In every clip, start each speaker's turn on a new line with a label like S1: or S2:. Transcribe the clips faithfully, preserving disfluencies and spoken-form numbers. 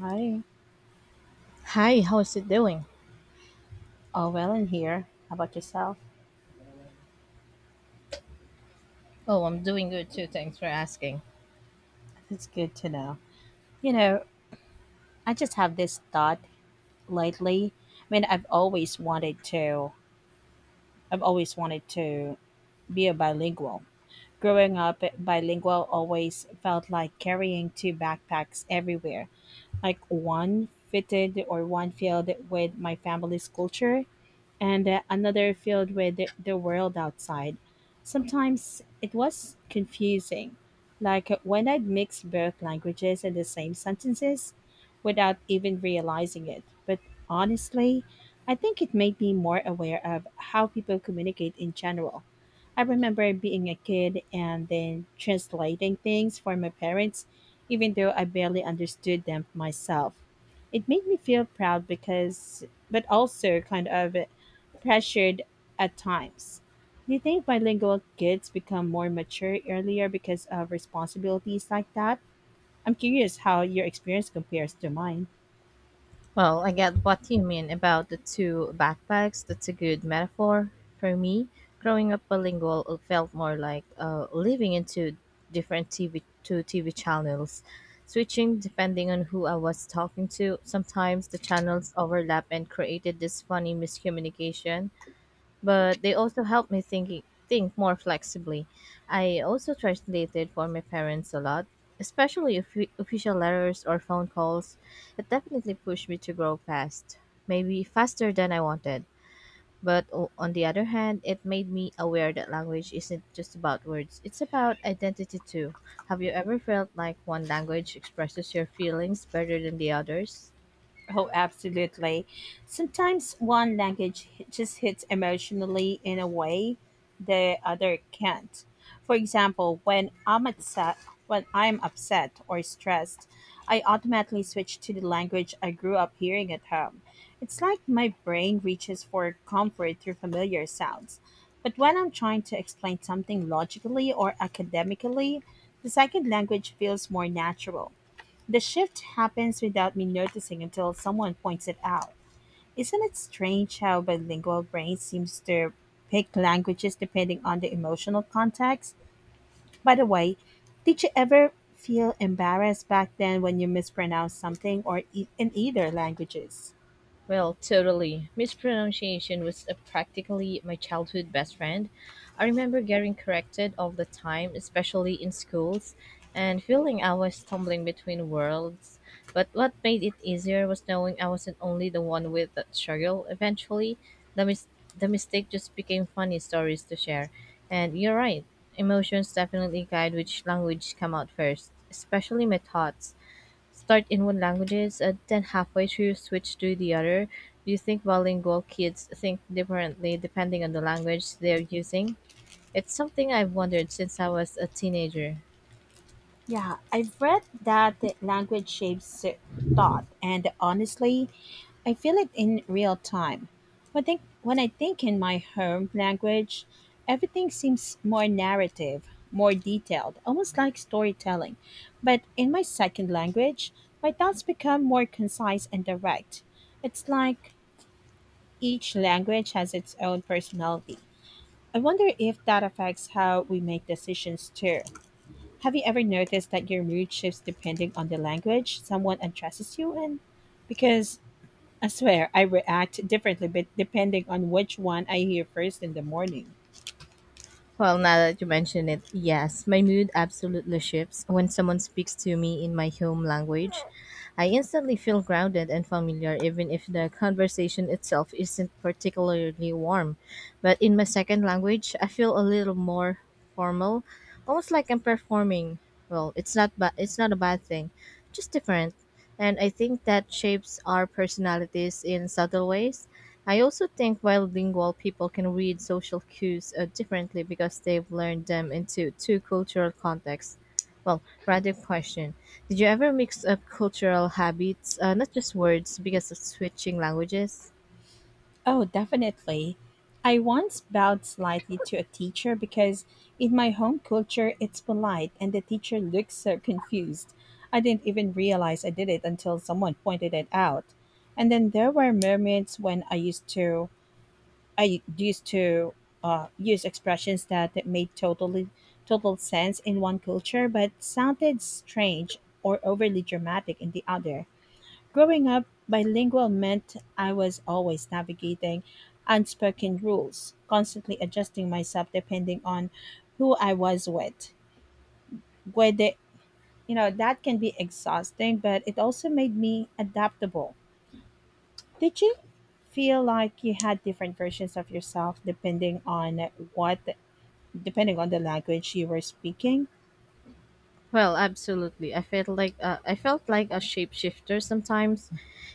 S1: Hi.
S2: Hi, how's it doing?
S1: All well in here. How about yourself?
S2: Oh, I'm doing good too. Thanks for asking.
S1: That's good to know. You know, I just have this thought lately. I mean, I've always wanted to I've always wanted to be a bilingual. Growing up, bilingual always felt like carrying two backpacks everywhere. Like one fitted or one filled with my family's culture and uh, another filled with the, the world outside. Sometimes it was confusing, like when I'd mix both languages in the same sentences without even realizing it. But honestly, I think it made me more aware of how people communicate in general. I remember being a kid and then translating things for my parents, even though I barely understood them myself. It made me feel proud because, but also kind of pressured at times. Do you think bilingual kids become more mature earlier because of responsibilities like that? I'm curious how your experience compares to mine.
S2: Well, I get what you mean about the two backpacks. That's a good metaphor. For me, growing up bilingual felt more like uh, living into different T V two T V channels, switching depending on who I was talking to. Sometimes the channels overlap and created this funny miscommunication. But they also helped me thinking think more flexibly. I also translated for my parents a lot, especially offi- official letters or phone calls. It definitely pushed me to grow fast, maybe faster than I wanted. But o- on the other hand, it made me aware that language isn't just about words, it's about identity too. Have you ever felt like one language expresses your feelings better than the others?
S1: Oh, absolutely. Sometimes one language hi- just hits emotionally in a way the other can't. For example, when I'm upset, when I'm upset or stressed, I automatically switch to the language I grew up hearing at home. It's like my brain reaches for comfort through familiar sounds. But when I'm trying to explain something logically or academically, the second language feels more natural. The shift happens without me noticing until someone points it out. Isn't it strange how bilingual brain seems to pick languages depending on the emotional context? By the way, did you ever feel embarrassed back then when you mispronounced something or e- in either languages?
S2: Well, totally. Mispronunciation was uh, practically my childhood best friend. I remember getting corrected all the time, especially in schools, and feeling I was stumbling between worlds. But what made it easier was knowing I wasn't only the one with that struggle. Eventually, the mis- the mistake just became funny stories to share. And you're right, emotions definitely guide which language come out first, especially my thoughts. Start in one languages and then halfway through switch to the other? Do you think bilingual kids think differently depending on the language they're using? It's something I've wondered since I was a teenager.
S1: Yeah, I've read that the language shapes thought, and honestly, I feel it in real time. When, think, when I think in my home language, everything seems more narrative, more detailed, almost like storytelling. But in my second language, my thoughts become more concise and direct. It's like each language has its own personality. I wonder if that affects how we make decisions too. Have you ever noticed that your mood shifts depending on the language someone addresses you in? Because I swear I react differently but depending on which one I hear first in the morning.
S2: Well, now that you mention it, yes, my mood absolutely shifts when someone speaks to me in my home language. I instantly feel grounded and familiar, even if the conversation itself isn't particularly warm. But in my second language, I feel a little more formal, almost like I'm performing. Well, it's not ba- it's not a bad thing, just different. And I think that shapes our personalities in subtle ways. I also think bilingual people can read social cues uh, differently because they've learned them into two cultural contexts. Well, random question. Did you ever mix up cultural habits, uh, not just words, because of switching languages?
S1: Oh, definitely. I once bowed slightly to a teacher because in my home culture it's polite and the teacher looked so confused. I didn't even realize I did it until someone pointed it out. And then there were moments when I used to I used to uh, use expressions that, that made totally total sense in one culture but sounded strange or overly dramatic in the other. Growing up, bilingual meant I was always navigating unspoken rules, constantly adjusting myself depending on who I was with. Whether you know that can be exhausting, but it also made me adaptable. Did you feel like you had different versions of yourself depending on what depending on the language you were speaking.
S2: Well, absolutely. I felt like uh, I felt like a shapeshifter sometimes.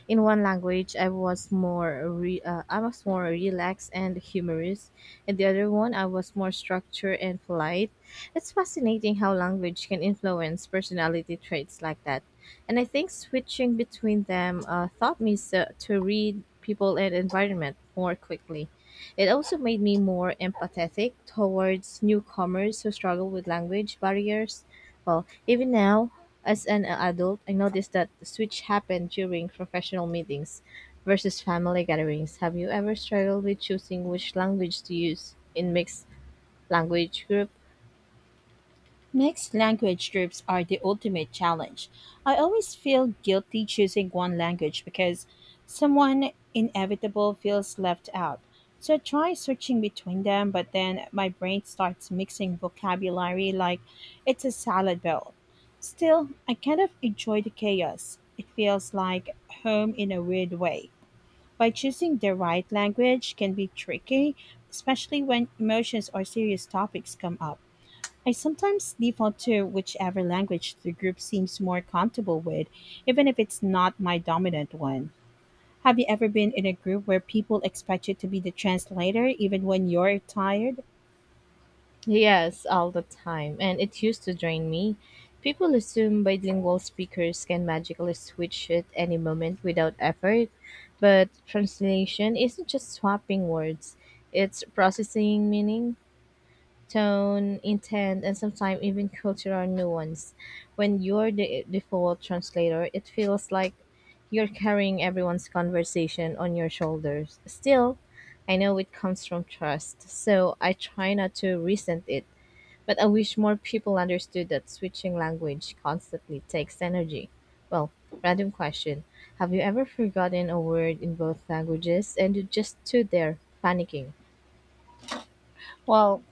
S2: In one language, I was more re- uh, I was more relaxed and humorous. In the other one, I was more structured and polite. It's fascinating how language can influence personality traits like that. And I think switching between them uh, taught me so- to read people and environment more quickly. It also made me more empathetic towards newcomers who struggle with language barriers. Well, even now, as an adult, I noticed that the switch happened during professional meetings versus family gatherings. Have you ever struggled with choosing which language to use in mixed language group?
S1: Mixed language groups are the ultimate challenge. I always feel guilty choosing one language because someone inevitable feels left out. So I try switching between them, but then my brain starts mixing vocabulary like it's a salad bowl. Still, I kind of enjoy the chaos. It feels like home in a weird way. By choosing the right language can be tricky, especially when emotions or serious topics come up. I sometimes default to whichever language the group seems more comfortable with, even if it's not my dominant one. Have you ever been in a group where people expect you to be the translator even when you're tired?
S2: Yes, all the time, and it used to drain me. People assume bilingual speakers can magically switch at any moment without effort, but translation isn't just swapping words, it's processing meaning tone, intent, and sometimes even cultural nuance. When you're the default translator, it feels like you're carrying everyone's conversation on your shoulders. Still, I know it comes from trust, so I try not to resent it. But I wish more people understood that switching language constantly takes energy. Well, random question. Have you ever forgotten a word in both languages and you just stood there panicking?
S1: Well,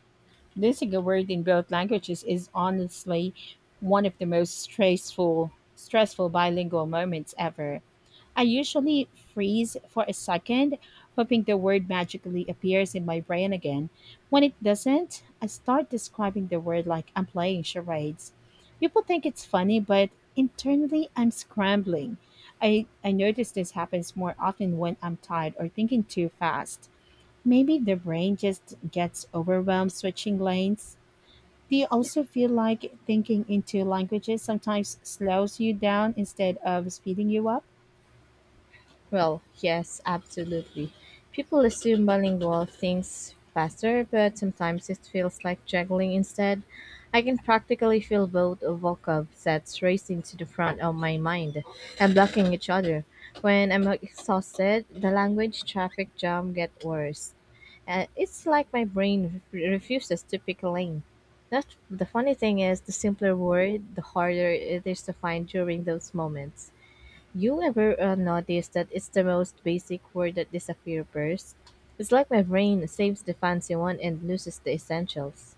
S1: losing a word in both languages is honestly one of the most stressful stressful bilingual moments ever. I usually freeze for a second, hoping the word magically appears in my brain again. When it doesn't, I start describing the word like I'm playing charades. People think it's funny, but internally I'm scrambling. I, I notice this happens more often when I'm tired or thinking too fast. Maybe the brain just gets overwhelmed switching lanes. Do you also feel like thinking into languages sometimes slows you down instead of speeding you up?
S2: Well, yes, absolutely. People assume bilingual things faster, but sometimes it feels like juggling instead. I can practically feel both vocab sets racing to the front of my mind and blocking each other. When I'm exhausted, the language traffic jam gets worse. And it's like my brain re- refuses to pick a lane. That's the funny thing is, the simpler word, the harder it is to find during those moments. You ever uh, notice that it's the most basic word that disappears first? It's like my brain saves the fancy one and loses the essentials.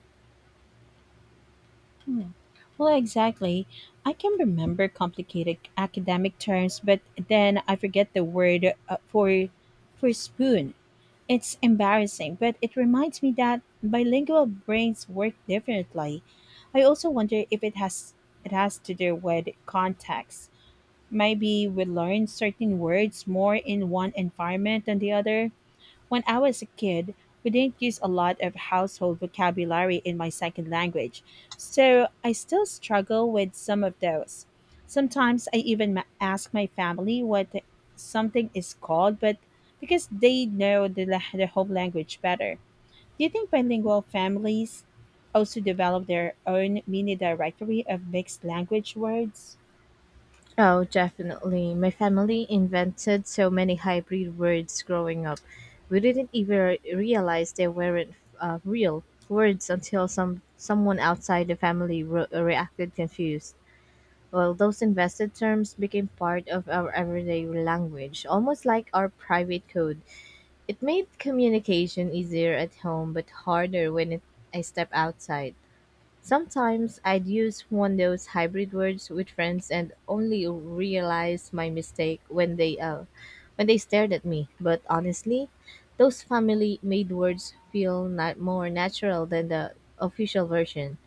S1: Well, exactly. I can remember complicated academic terms, but then I forget the word uh, for for spoon. It's embarrassing, but it reminds me that bilingual brains work differently. I also wonder if it has it has to do with context. Maybe we learn certain words more in one environment than the other. When I was a kid, we didn't use a lot of household vocabulary in my second language, so I still struggle with some of those. Sometimes I even ma- ask my family what something is called, but because they know the, la- the home language better. Do you think bilingual families also develop their own mini directory of mixed language words?
S2: Oh, definitely. My family invented so many hybrid words growing up. We didn't even realize they weren't uh, real words until some someone outside the family re- reacted confused. Well, those invested terms became part of our everyday language, almost like our private code. It made communication easier at home but harder when it, I step outside. Sometimes I'd use one of those hybrid words with friends and only realize my mistake when they uh, when they stared at me. But honestly, those family made words feel not more natural than the official version.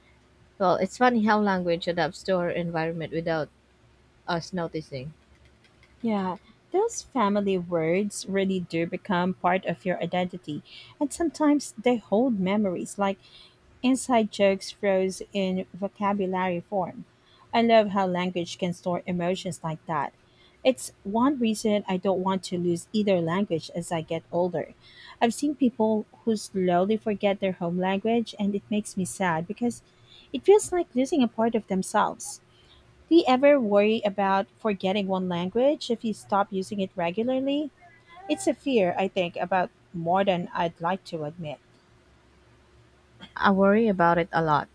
S2: Well, it's funny how language adapts to our environment without us noticing.
S1: Yeah, those family words really do become part of your identity, and sometimes they hold memories like inside jokes froze in vocabulary form. I love how language can store emotions like that. It's one reason I don't want to lose either language as I get older. I've seen people who slowly forget their home language, and it makes me sad because it feels like losing a part of themselves. Do you ever worry about forgetting one language if you stop using it regularly? It's a fear I think about more than I'd like to admit.
S2: I worry about it a lot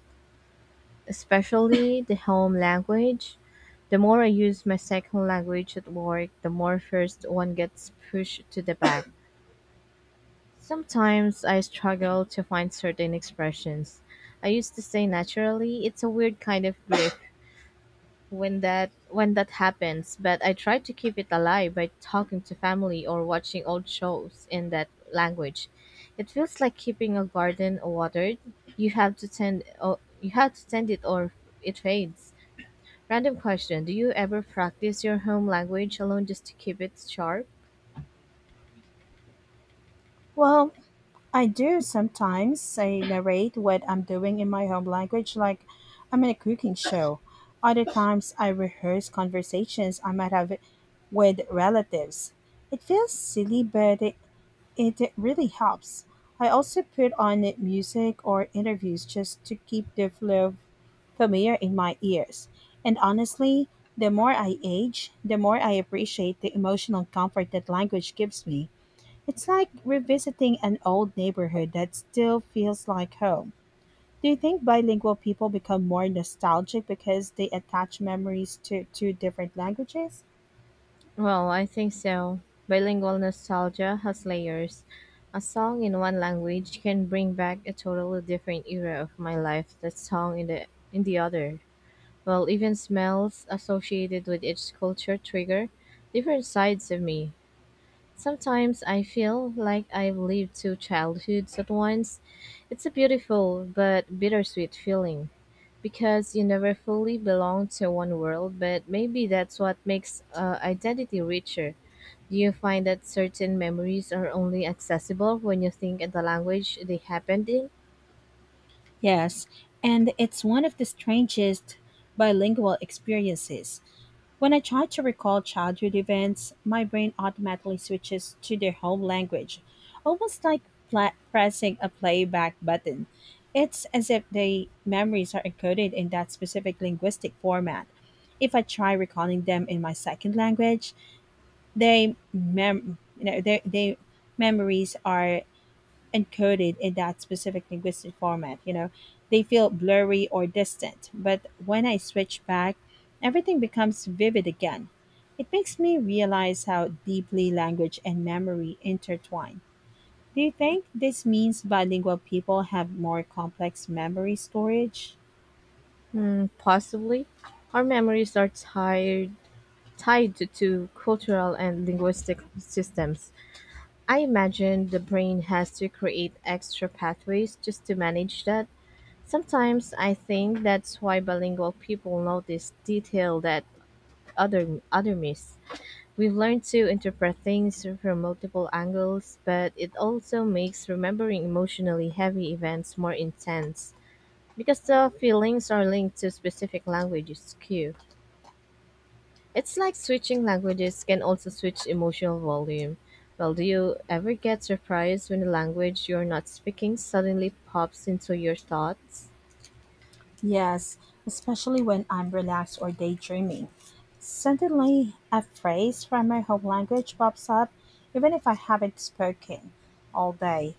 S2: especially the home language. The more I use my second language at work, the more first one gets pushed to the back. Sometimes I struggle to find certain expressions. I used to say naturally, it's a weird kind of grief when that when that happens, but I try to keep it alive by talking to family or watching old shows in that language. It feels like keeping a garden watered. You have to tend oh, you have to tend it or it fades. Random question: Do you ever practice your home language alone just to keep it sharp?
S1: Well, I do sometimes. I narrate what I'm doing in my home language like I'm in a cooking show. Other times, I rehearse conversations I might have with relatives. It feels silly, but it it really helps. I also put on music or interviews just to keep the flow familiar in my ears. And honestly, the more I age, the more I appreciate the emotional comfort that language gives me. It's like revisiting an old neighborhood that still feels like home. Do you think bilingual people become more nostalgic because they attach memories to two different languages?
S2: Well, I think so. Bilingual nostalgia has layers. A song in one language can bring back a totally different era of my life that song in the in the other. Well, even smells associated with each culture trigger different sides of me. Sometimes I feel like I've lived two childhoods at once. It's a beautiful but bittersweet feeling because you never fully belong to one world, but maybe that's what makes uh, identity richer. Do you find that certain memories are only accessible when you think in the language they happened in?
S1: Yes, and it's one of the strangest bilingual experiences. When I try to recall childhood events, my brain automatically switches to their home language, almost like pla- pressing a playback button. It's as if the memories are encoded in that specific linguistic format. If I try recalling them in my second language, they mem- you know, their, their memories are encoded in that specific linguistic format you know they feel blurry or distant, but when I switch back everything becomes vivid again. It makes me realize how deeply language and memory intertwine. Do you think this means bilingual people have more complex memory storage?
S2: Mm, possibly. Our memories are tied, tied to two cultural and linguistic systems. I imagine the brain has to create extra pathways just to manage that. Sometimes I think that's why bilingual people notice detail that other other miss. We've learned to interpret things from multiple angles, but it also makes remembering emotionally heavy events more intense because the feelings are linked to specific languages cue. It's like switching languages can also switch emotional volume. Well, do you ever get surprised when the language you're not speaking suddenly pops into your thoughts?
S1: Yes, especially when I'm relaxed or daydreaming. Suddenly, a phrase from my home language pops up, even if I haven't spoken all day.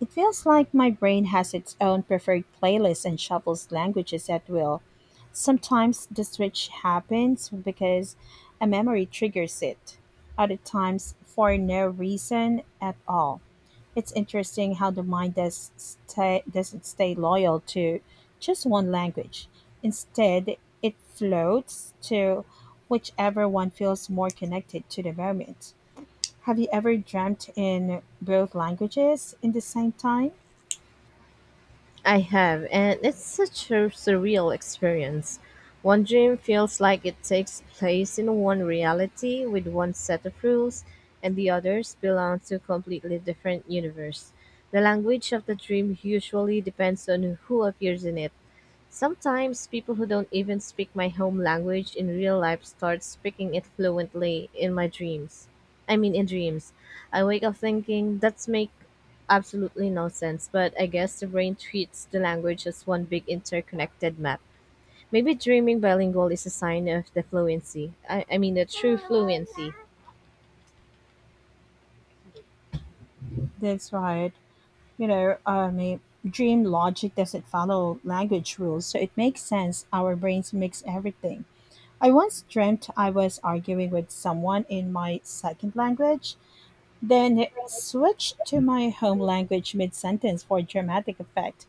S1: It feels like my brain has its own preferred playlist and shuffles languages at will. Sometimes the switch happens because a memory triggers it, other times for no reason at all. It's interesting how the mind does stay, doesn't stay loyal to just one language. Instead, it floats to whichever one feels more connected to the moment. Have you ever dreamt in both languages in the same time?
S2: I have, and it's such a surreal experience. One dream feels like it takes place in one reality with one set of rules, and the others belong to completely different universe. The language of the dream usually depends on who appears in it. Sometimes people who don't even speak my home language in real life start speaking it fluently in my dreams. I mean in dreams. I wake up thinking that's make absolutely no sense, but I guess the brain treats the language as one big interconnected map. Maybe dreaming bilingual is a sign of the fluency. I, I mean the true fluency.
S1: That's right. You know, I mean, dream logic doesn't follow language rules, so it makes sense our brains mix everything. I once dreamt I was arguing with someone in my second language, then switched to my home language mid sentence for dramatic effect.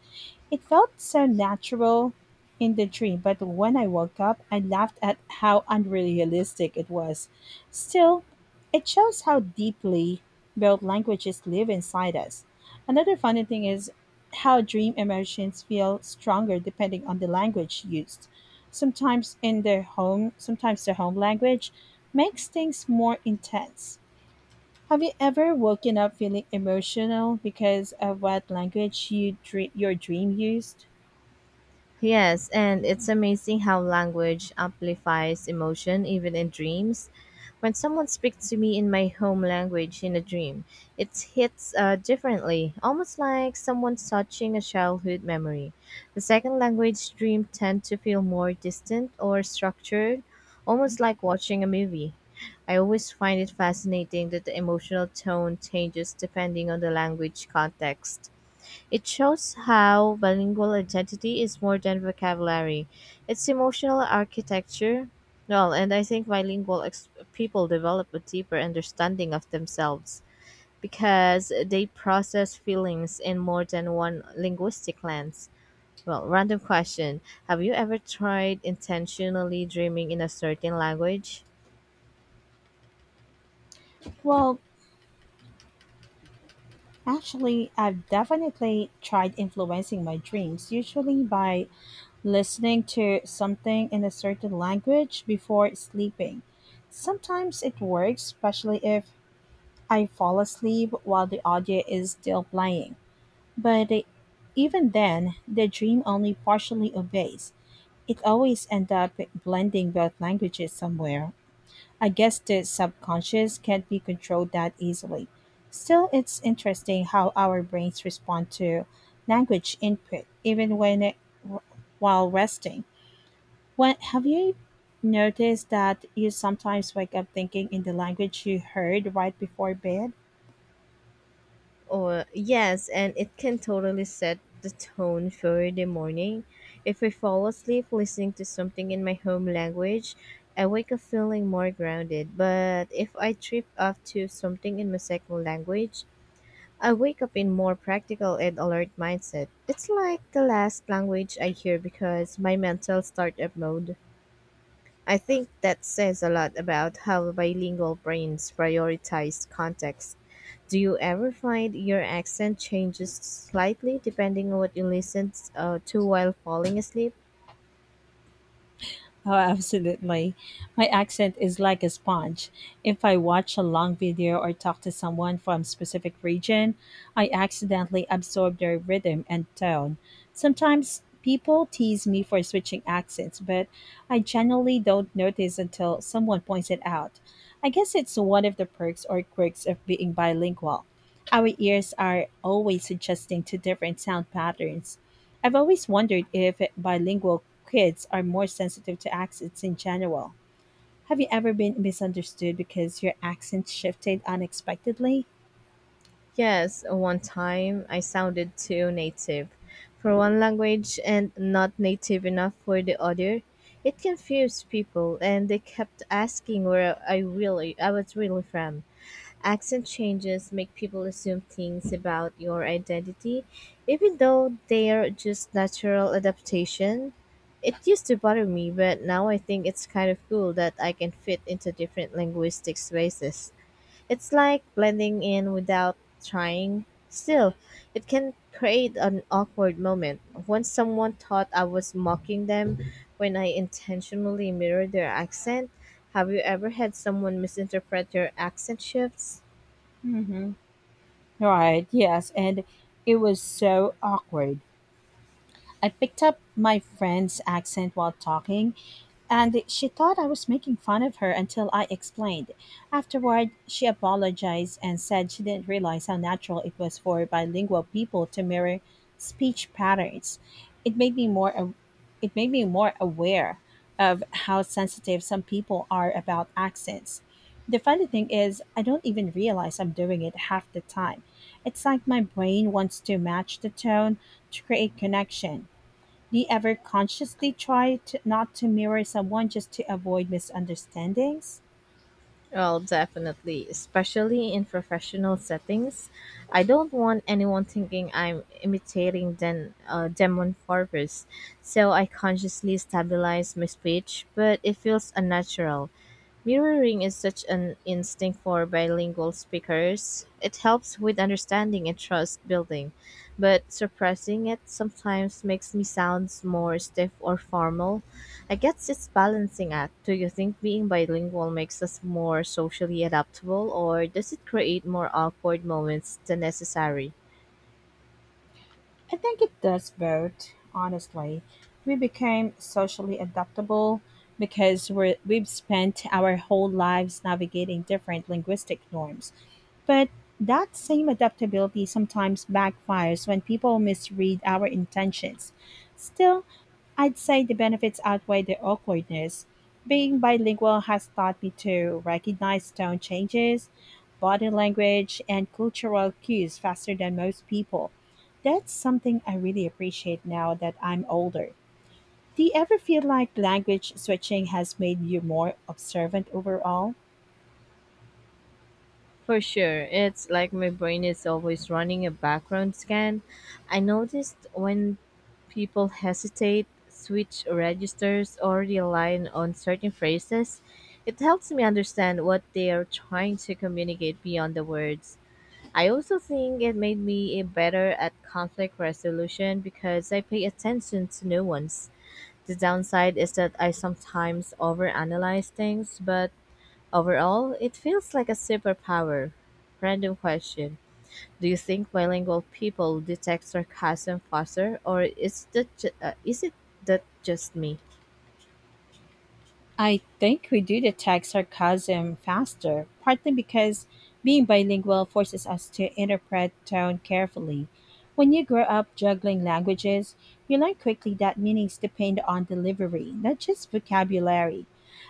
S1: It felt so natural in the dream, but when I woke up, I laughed at how unrealistic it was. Still, it shows how deeply both languages live inside us. Another funny thing is how dream emotions feel stronger depending on the language used. Sometimes in the home, sometimes the home language makes things more intense. Have you ever woken up feeling emotional because of what language you dream, your dream used?
S2: Yes, and it's amazing how language amplifies emotion even in dreams. When someone speaks to me in my home language in a dream, it hits uh, differently, almost like someone touching a childhood memory. The second language dream tend to feel more distant or structured, almost like watching a movie. I always find it fascinating that the emotional tone changes depending on the language context. It shows how bilingual identity is more than vocabulary. It's emotional architecture. Well, and I think bilingual ex- people develop a deeper understanding of themselves because they process feelings in more than one linguistic lens. Well, random question. Have you ever tried intentionally dreaming in a certain language?
S1: Well, actually, I've definitely tried influencing my dreams, usually by listening to something in a certain language before sleeping. Sometimes it works, especially if I fall asleep while the audio is still playing. But it- Even then, the dream only partially obeys. It always ends up blending both languages somewhere. I guess the subconscious can't be controlled that easily. Still, it's interesting how our brains respond to language input, even when it, while resting. When, have you noticed that you sometimes wake up thinking in the language you heard right before bed?
S2: Or yes, and it can totally set the tone for the morning. If I fall asleep listening to something in my home language, I wake up feeling more grounded. But if I trip off to something in my second language, I wake up in more practical and alert mindset. It's like the last language I hear because my mental startup mode. I think that says a lot about how bilingual brains prioritize context. Do you ever find your accent changes slightly depending on what you listen uh, to while falling asleep?
S1: Oh, absolutely. My accent is like a sponge. If I watch a long video or talk to someone from a specific region, I accidentally absorb their rhythm and tone. Sometimes people tease me for switching accents, but I generally don't notice until someone points it out. I guess it's one of the perks or quirks of being bilingual. Our ears are always adjusting to different sound patterns. I've always wondered if bilingual kids are more sensitive to accents in general. Have you ever been misunderstood because your accent shifted unexpectedly?
S2: Yes, one time I sounded too native for one language and not native enough for the other. It confused people and they kept asking where I really I was really from. Accent changes make people assume things about your identity, even though they're just natural adaptation. It used to bother me, but now I think it's kind of cool that I can fit into different linguistic spaces. It's like blending in without trying. Still, it can create an awkward moment. Once someone thought I was mocking them when I intentionally mirrored their accent. Have you ever had someone misinterpret your accent shifts?
S1: Hmm. Right, yes, and it was so awkward. I picked up my friend's accent while talking, and she thought I was making fun of her until I explained. Afterward, she apologized and said she didn't realize how natural it was for bilingual people to mirror speech patterns. It made me more a- it made me more aware of how sensitive some people are about accents. The funny thing is, I don't even realize I'm doing it half the time. It's like my brain wants to match the tone to create connection. Do you ever consciously try to, not to mirror someone just to avoid misunderstandings?
S2: Well, definitely, especially in professional settings. I don't want anyone thinking I'm imitating den- uh, them on purpose, so I consciously stabilize my speech, but it feels unnatural. Mirroring is such an instinct for bilingual speakers. It helps with understanding and trust building, but suppressing it sometimes makes me sound more stiff or formal. I guess it's balancing act. Do you think being bilingual makes us more socially adaptable, or does it create more awkward moments than necessary?
S1: I think it does both, honestly. We became socially adaptable because we're, we've spent our whole lives navigating different linguistic norms. But that same adaptability sometimes backfires when people misread our intentions. Still, I'd say the benefits outweigh the awkwardness. Being bilingual has taught me to recognize tone changes, body language, and cultural cues faster than most people. That's something I really appreciate now that I'm older. Do you ever feel like language switching has made you more observant overall?
S2: For sure. It's like my brain is always running a background scan. I noticed when people hesitate, switch registers, or rely on certain phrases, it helps me understand what they are trying to communicate beyond the words. I also think it made me better at conflict resolution because I pay attention to nuance. The downside is that I sometimes overanalyze things, but overall, it feels like a superpower. Random question. Do you think bilingual people detect sarcasm faster, or is, that ju- uh, is it that just me?
S1: I think we do detect sarcasm faster, partly because being bilingual forces us to interpret tone carefully. When you grow up juggling languages, you learn quickly that meanings depend on delivery, not just vocabulary.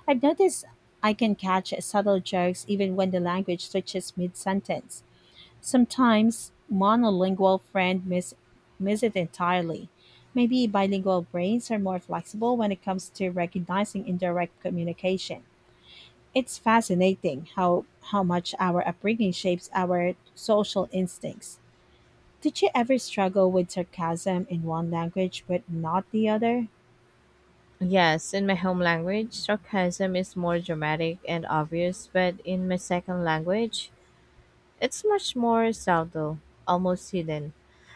S1: I've noticed I can catch subtle jokes even when the language switches mid sentence. Sometimes monolingual friends miss, miss it entirely. Maybe bilingual brains are more flexible when it comes to recognizing indirect communication. It's fascinating how, how much our upbringing shapes our social instincts. Did you ever struggle with sarcasm in one language but not the other?
S2: Yes, in my home language, sarcasm is more dramatic and obvious, but in my second language, it's much more subtle, almost hidden.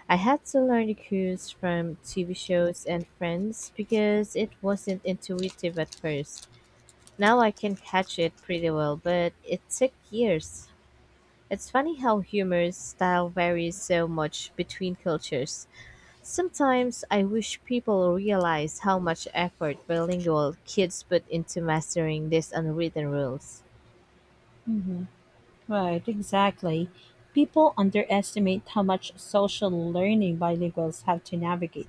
S2: I had to learn the cues from T V shows and friends because it wasn't intuitive at first. Now I can catch it pretty well, but it took years. It's funny how humor style varies so much between cultures. Sometimes I wish people realize how much effort bilingual kids put into mastering these unwritten rules.
S1: Hmm. Right, exactly. People underestimate how much social learning bilinguals have to navigate.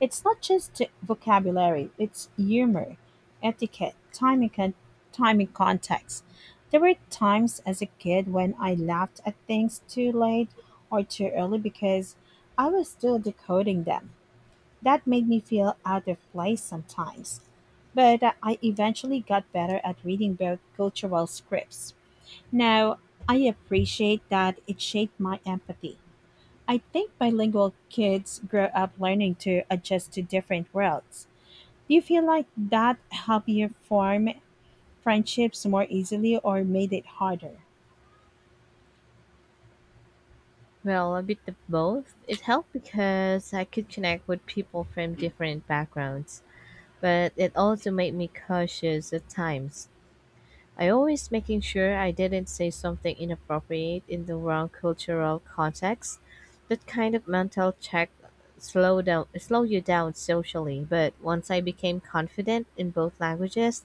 S1: It's not just vocabulary, it's humor, etiquette, timing, con- timing, context. There were times as a kid when I laughed at things too late or too early because I was still decoding them. That made me feel out of place sometimes. But uh, I eventually got better at reading both cultural scripts. Now, I appreciate that it shaped my empathy. I think bilingual kids grow up learning to adjust to different worlds. Do you feel like that helped you form friendships more easily or made it harder?
S2: Well, a bit of both. It helped because I could connect with people from different backgrounds, but it also made me cautious at times. I always making sure I didn't say something inappropriate in the wrong cultural context. That kind of mental check slow down slow you down socially, but once I became confident in both languages,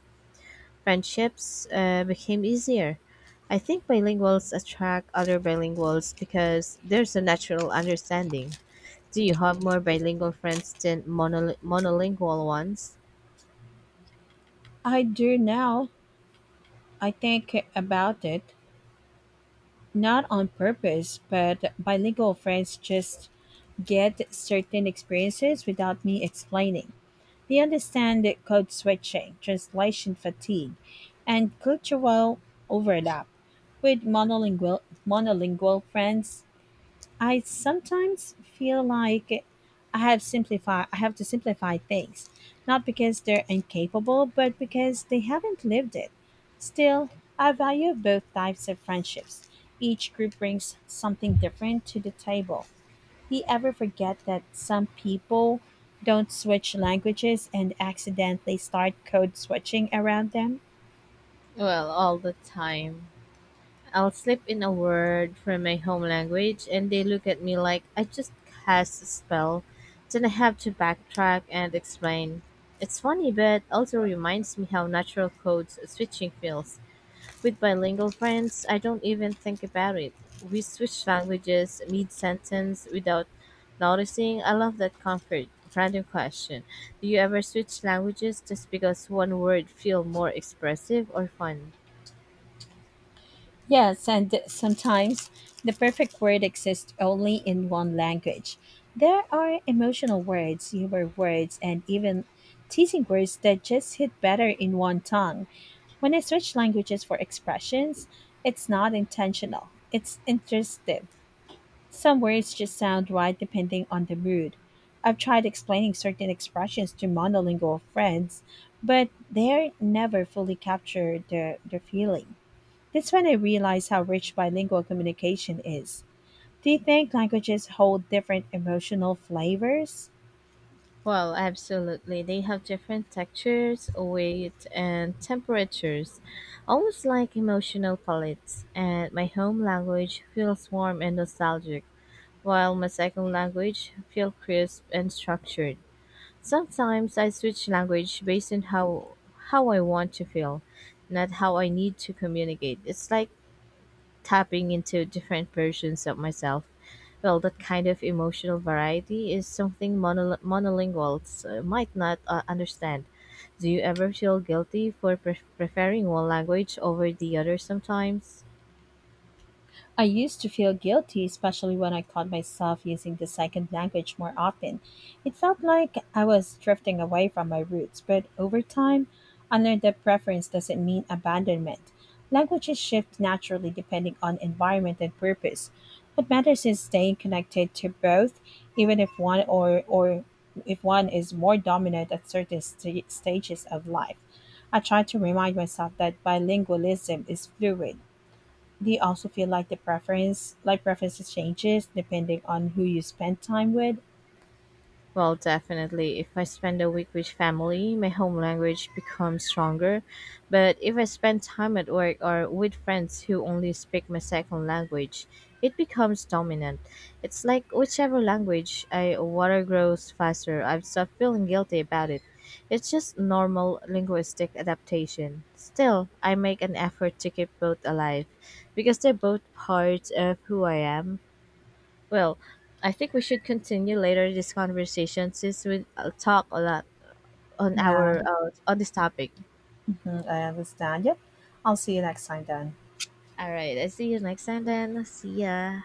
S2: friendships uh, became easier. I think bilinguals attract other bilinguals because there's a natural understanding. Do you have more bilingual friends than monol- monolingual ones?
S1: I do now. I think about it, not on purpose, but bilingual friends just get certain experiences without me explaining. They understand that code switching, translation fatigue, and cultural overlap. With monolingual, monolingual friends, I sometimes feel like I have simplify I have to simplify things, not because they're incapable, but because they haven't lived it. Still, I value both types of friendships. Each group brings something different to the table. Do you ever forget that some people don't switch languages and accidentally start code switching around them?
S2: Well, all the time. I'll slip in a word from my home language and they look at me like I just cast a spell. Then I have to backtrack and explain. It's funny, but also reminds me how natural code switching feels. With bilingual friends, I don't even think about it. We switch languages mid sentence without noticing. I love that comfort. Random question. Do you ever switch languages just because one word feel more expressive or fun?
S1: Yes, and sometimes the perfect word exists only in one language. There are emotional words, humor words, and even teasing words that just hit better in one tongue. When I search languages for expressions, it's not intentional, it's intuitive. Some words just sound right depending on the mood. I've tried explaining certain expressions to monolingual friends, but they never fully capture their, their feeling. That's when I realized how rich bilingual communication is. Do you think languages hold different emotional flavors?
S2: Well, absolutely. They have different textures, weight, and temperatures, almost like emotional palettes. And my home language feels warm and nostalgic, while my second language feels crisp and structured. Sometimes I switch language based on how how I want to feel, not how I need to communicate. It's like tapping into different versions of myself. Well, that kind of emotional variety is something monol- monolinguals uh, might not uh, understand. Do you ever feel guilty for pre- preferring one language over the other sometimes?
S1: I used to feel guilty, especially when I caught myself using the second language more often. It felt like I was drifting away from my roots, but over time, I learned that preference doesn't mean abandonment. Languages shift naturally depending on environment and purpose. What matters is staying connected to both, even if one or, or if one is more dominant at certain sta- stages of life. I try to remind myself that bilingualism is fluid. Do you also feel like the preference, like preferences changes depending on who you spend time with?
S2: Well, definitely. If I spend a week with family, my home language becomes stronger. But if I spend time at work or with friends who only speak my second language, it becomes dominant. It's like whichever language I water grows faster, I've stopped feeling guilty about it. It's just normal linguistic adaptation. Still, I make an effort to keep both alive because they're both parts of who I am. Well, I think we should continue later this conversation since we uh, talk a lot on
S1: Yeah,
S2: our uh, on this topic.
S1: mhm, I understand. Yep. I'll see you next time then.
S2: All right, I see you next time then. See ya.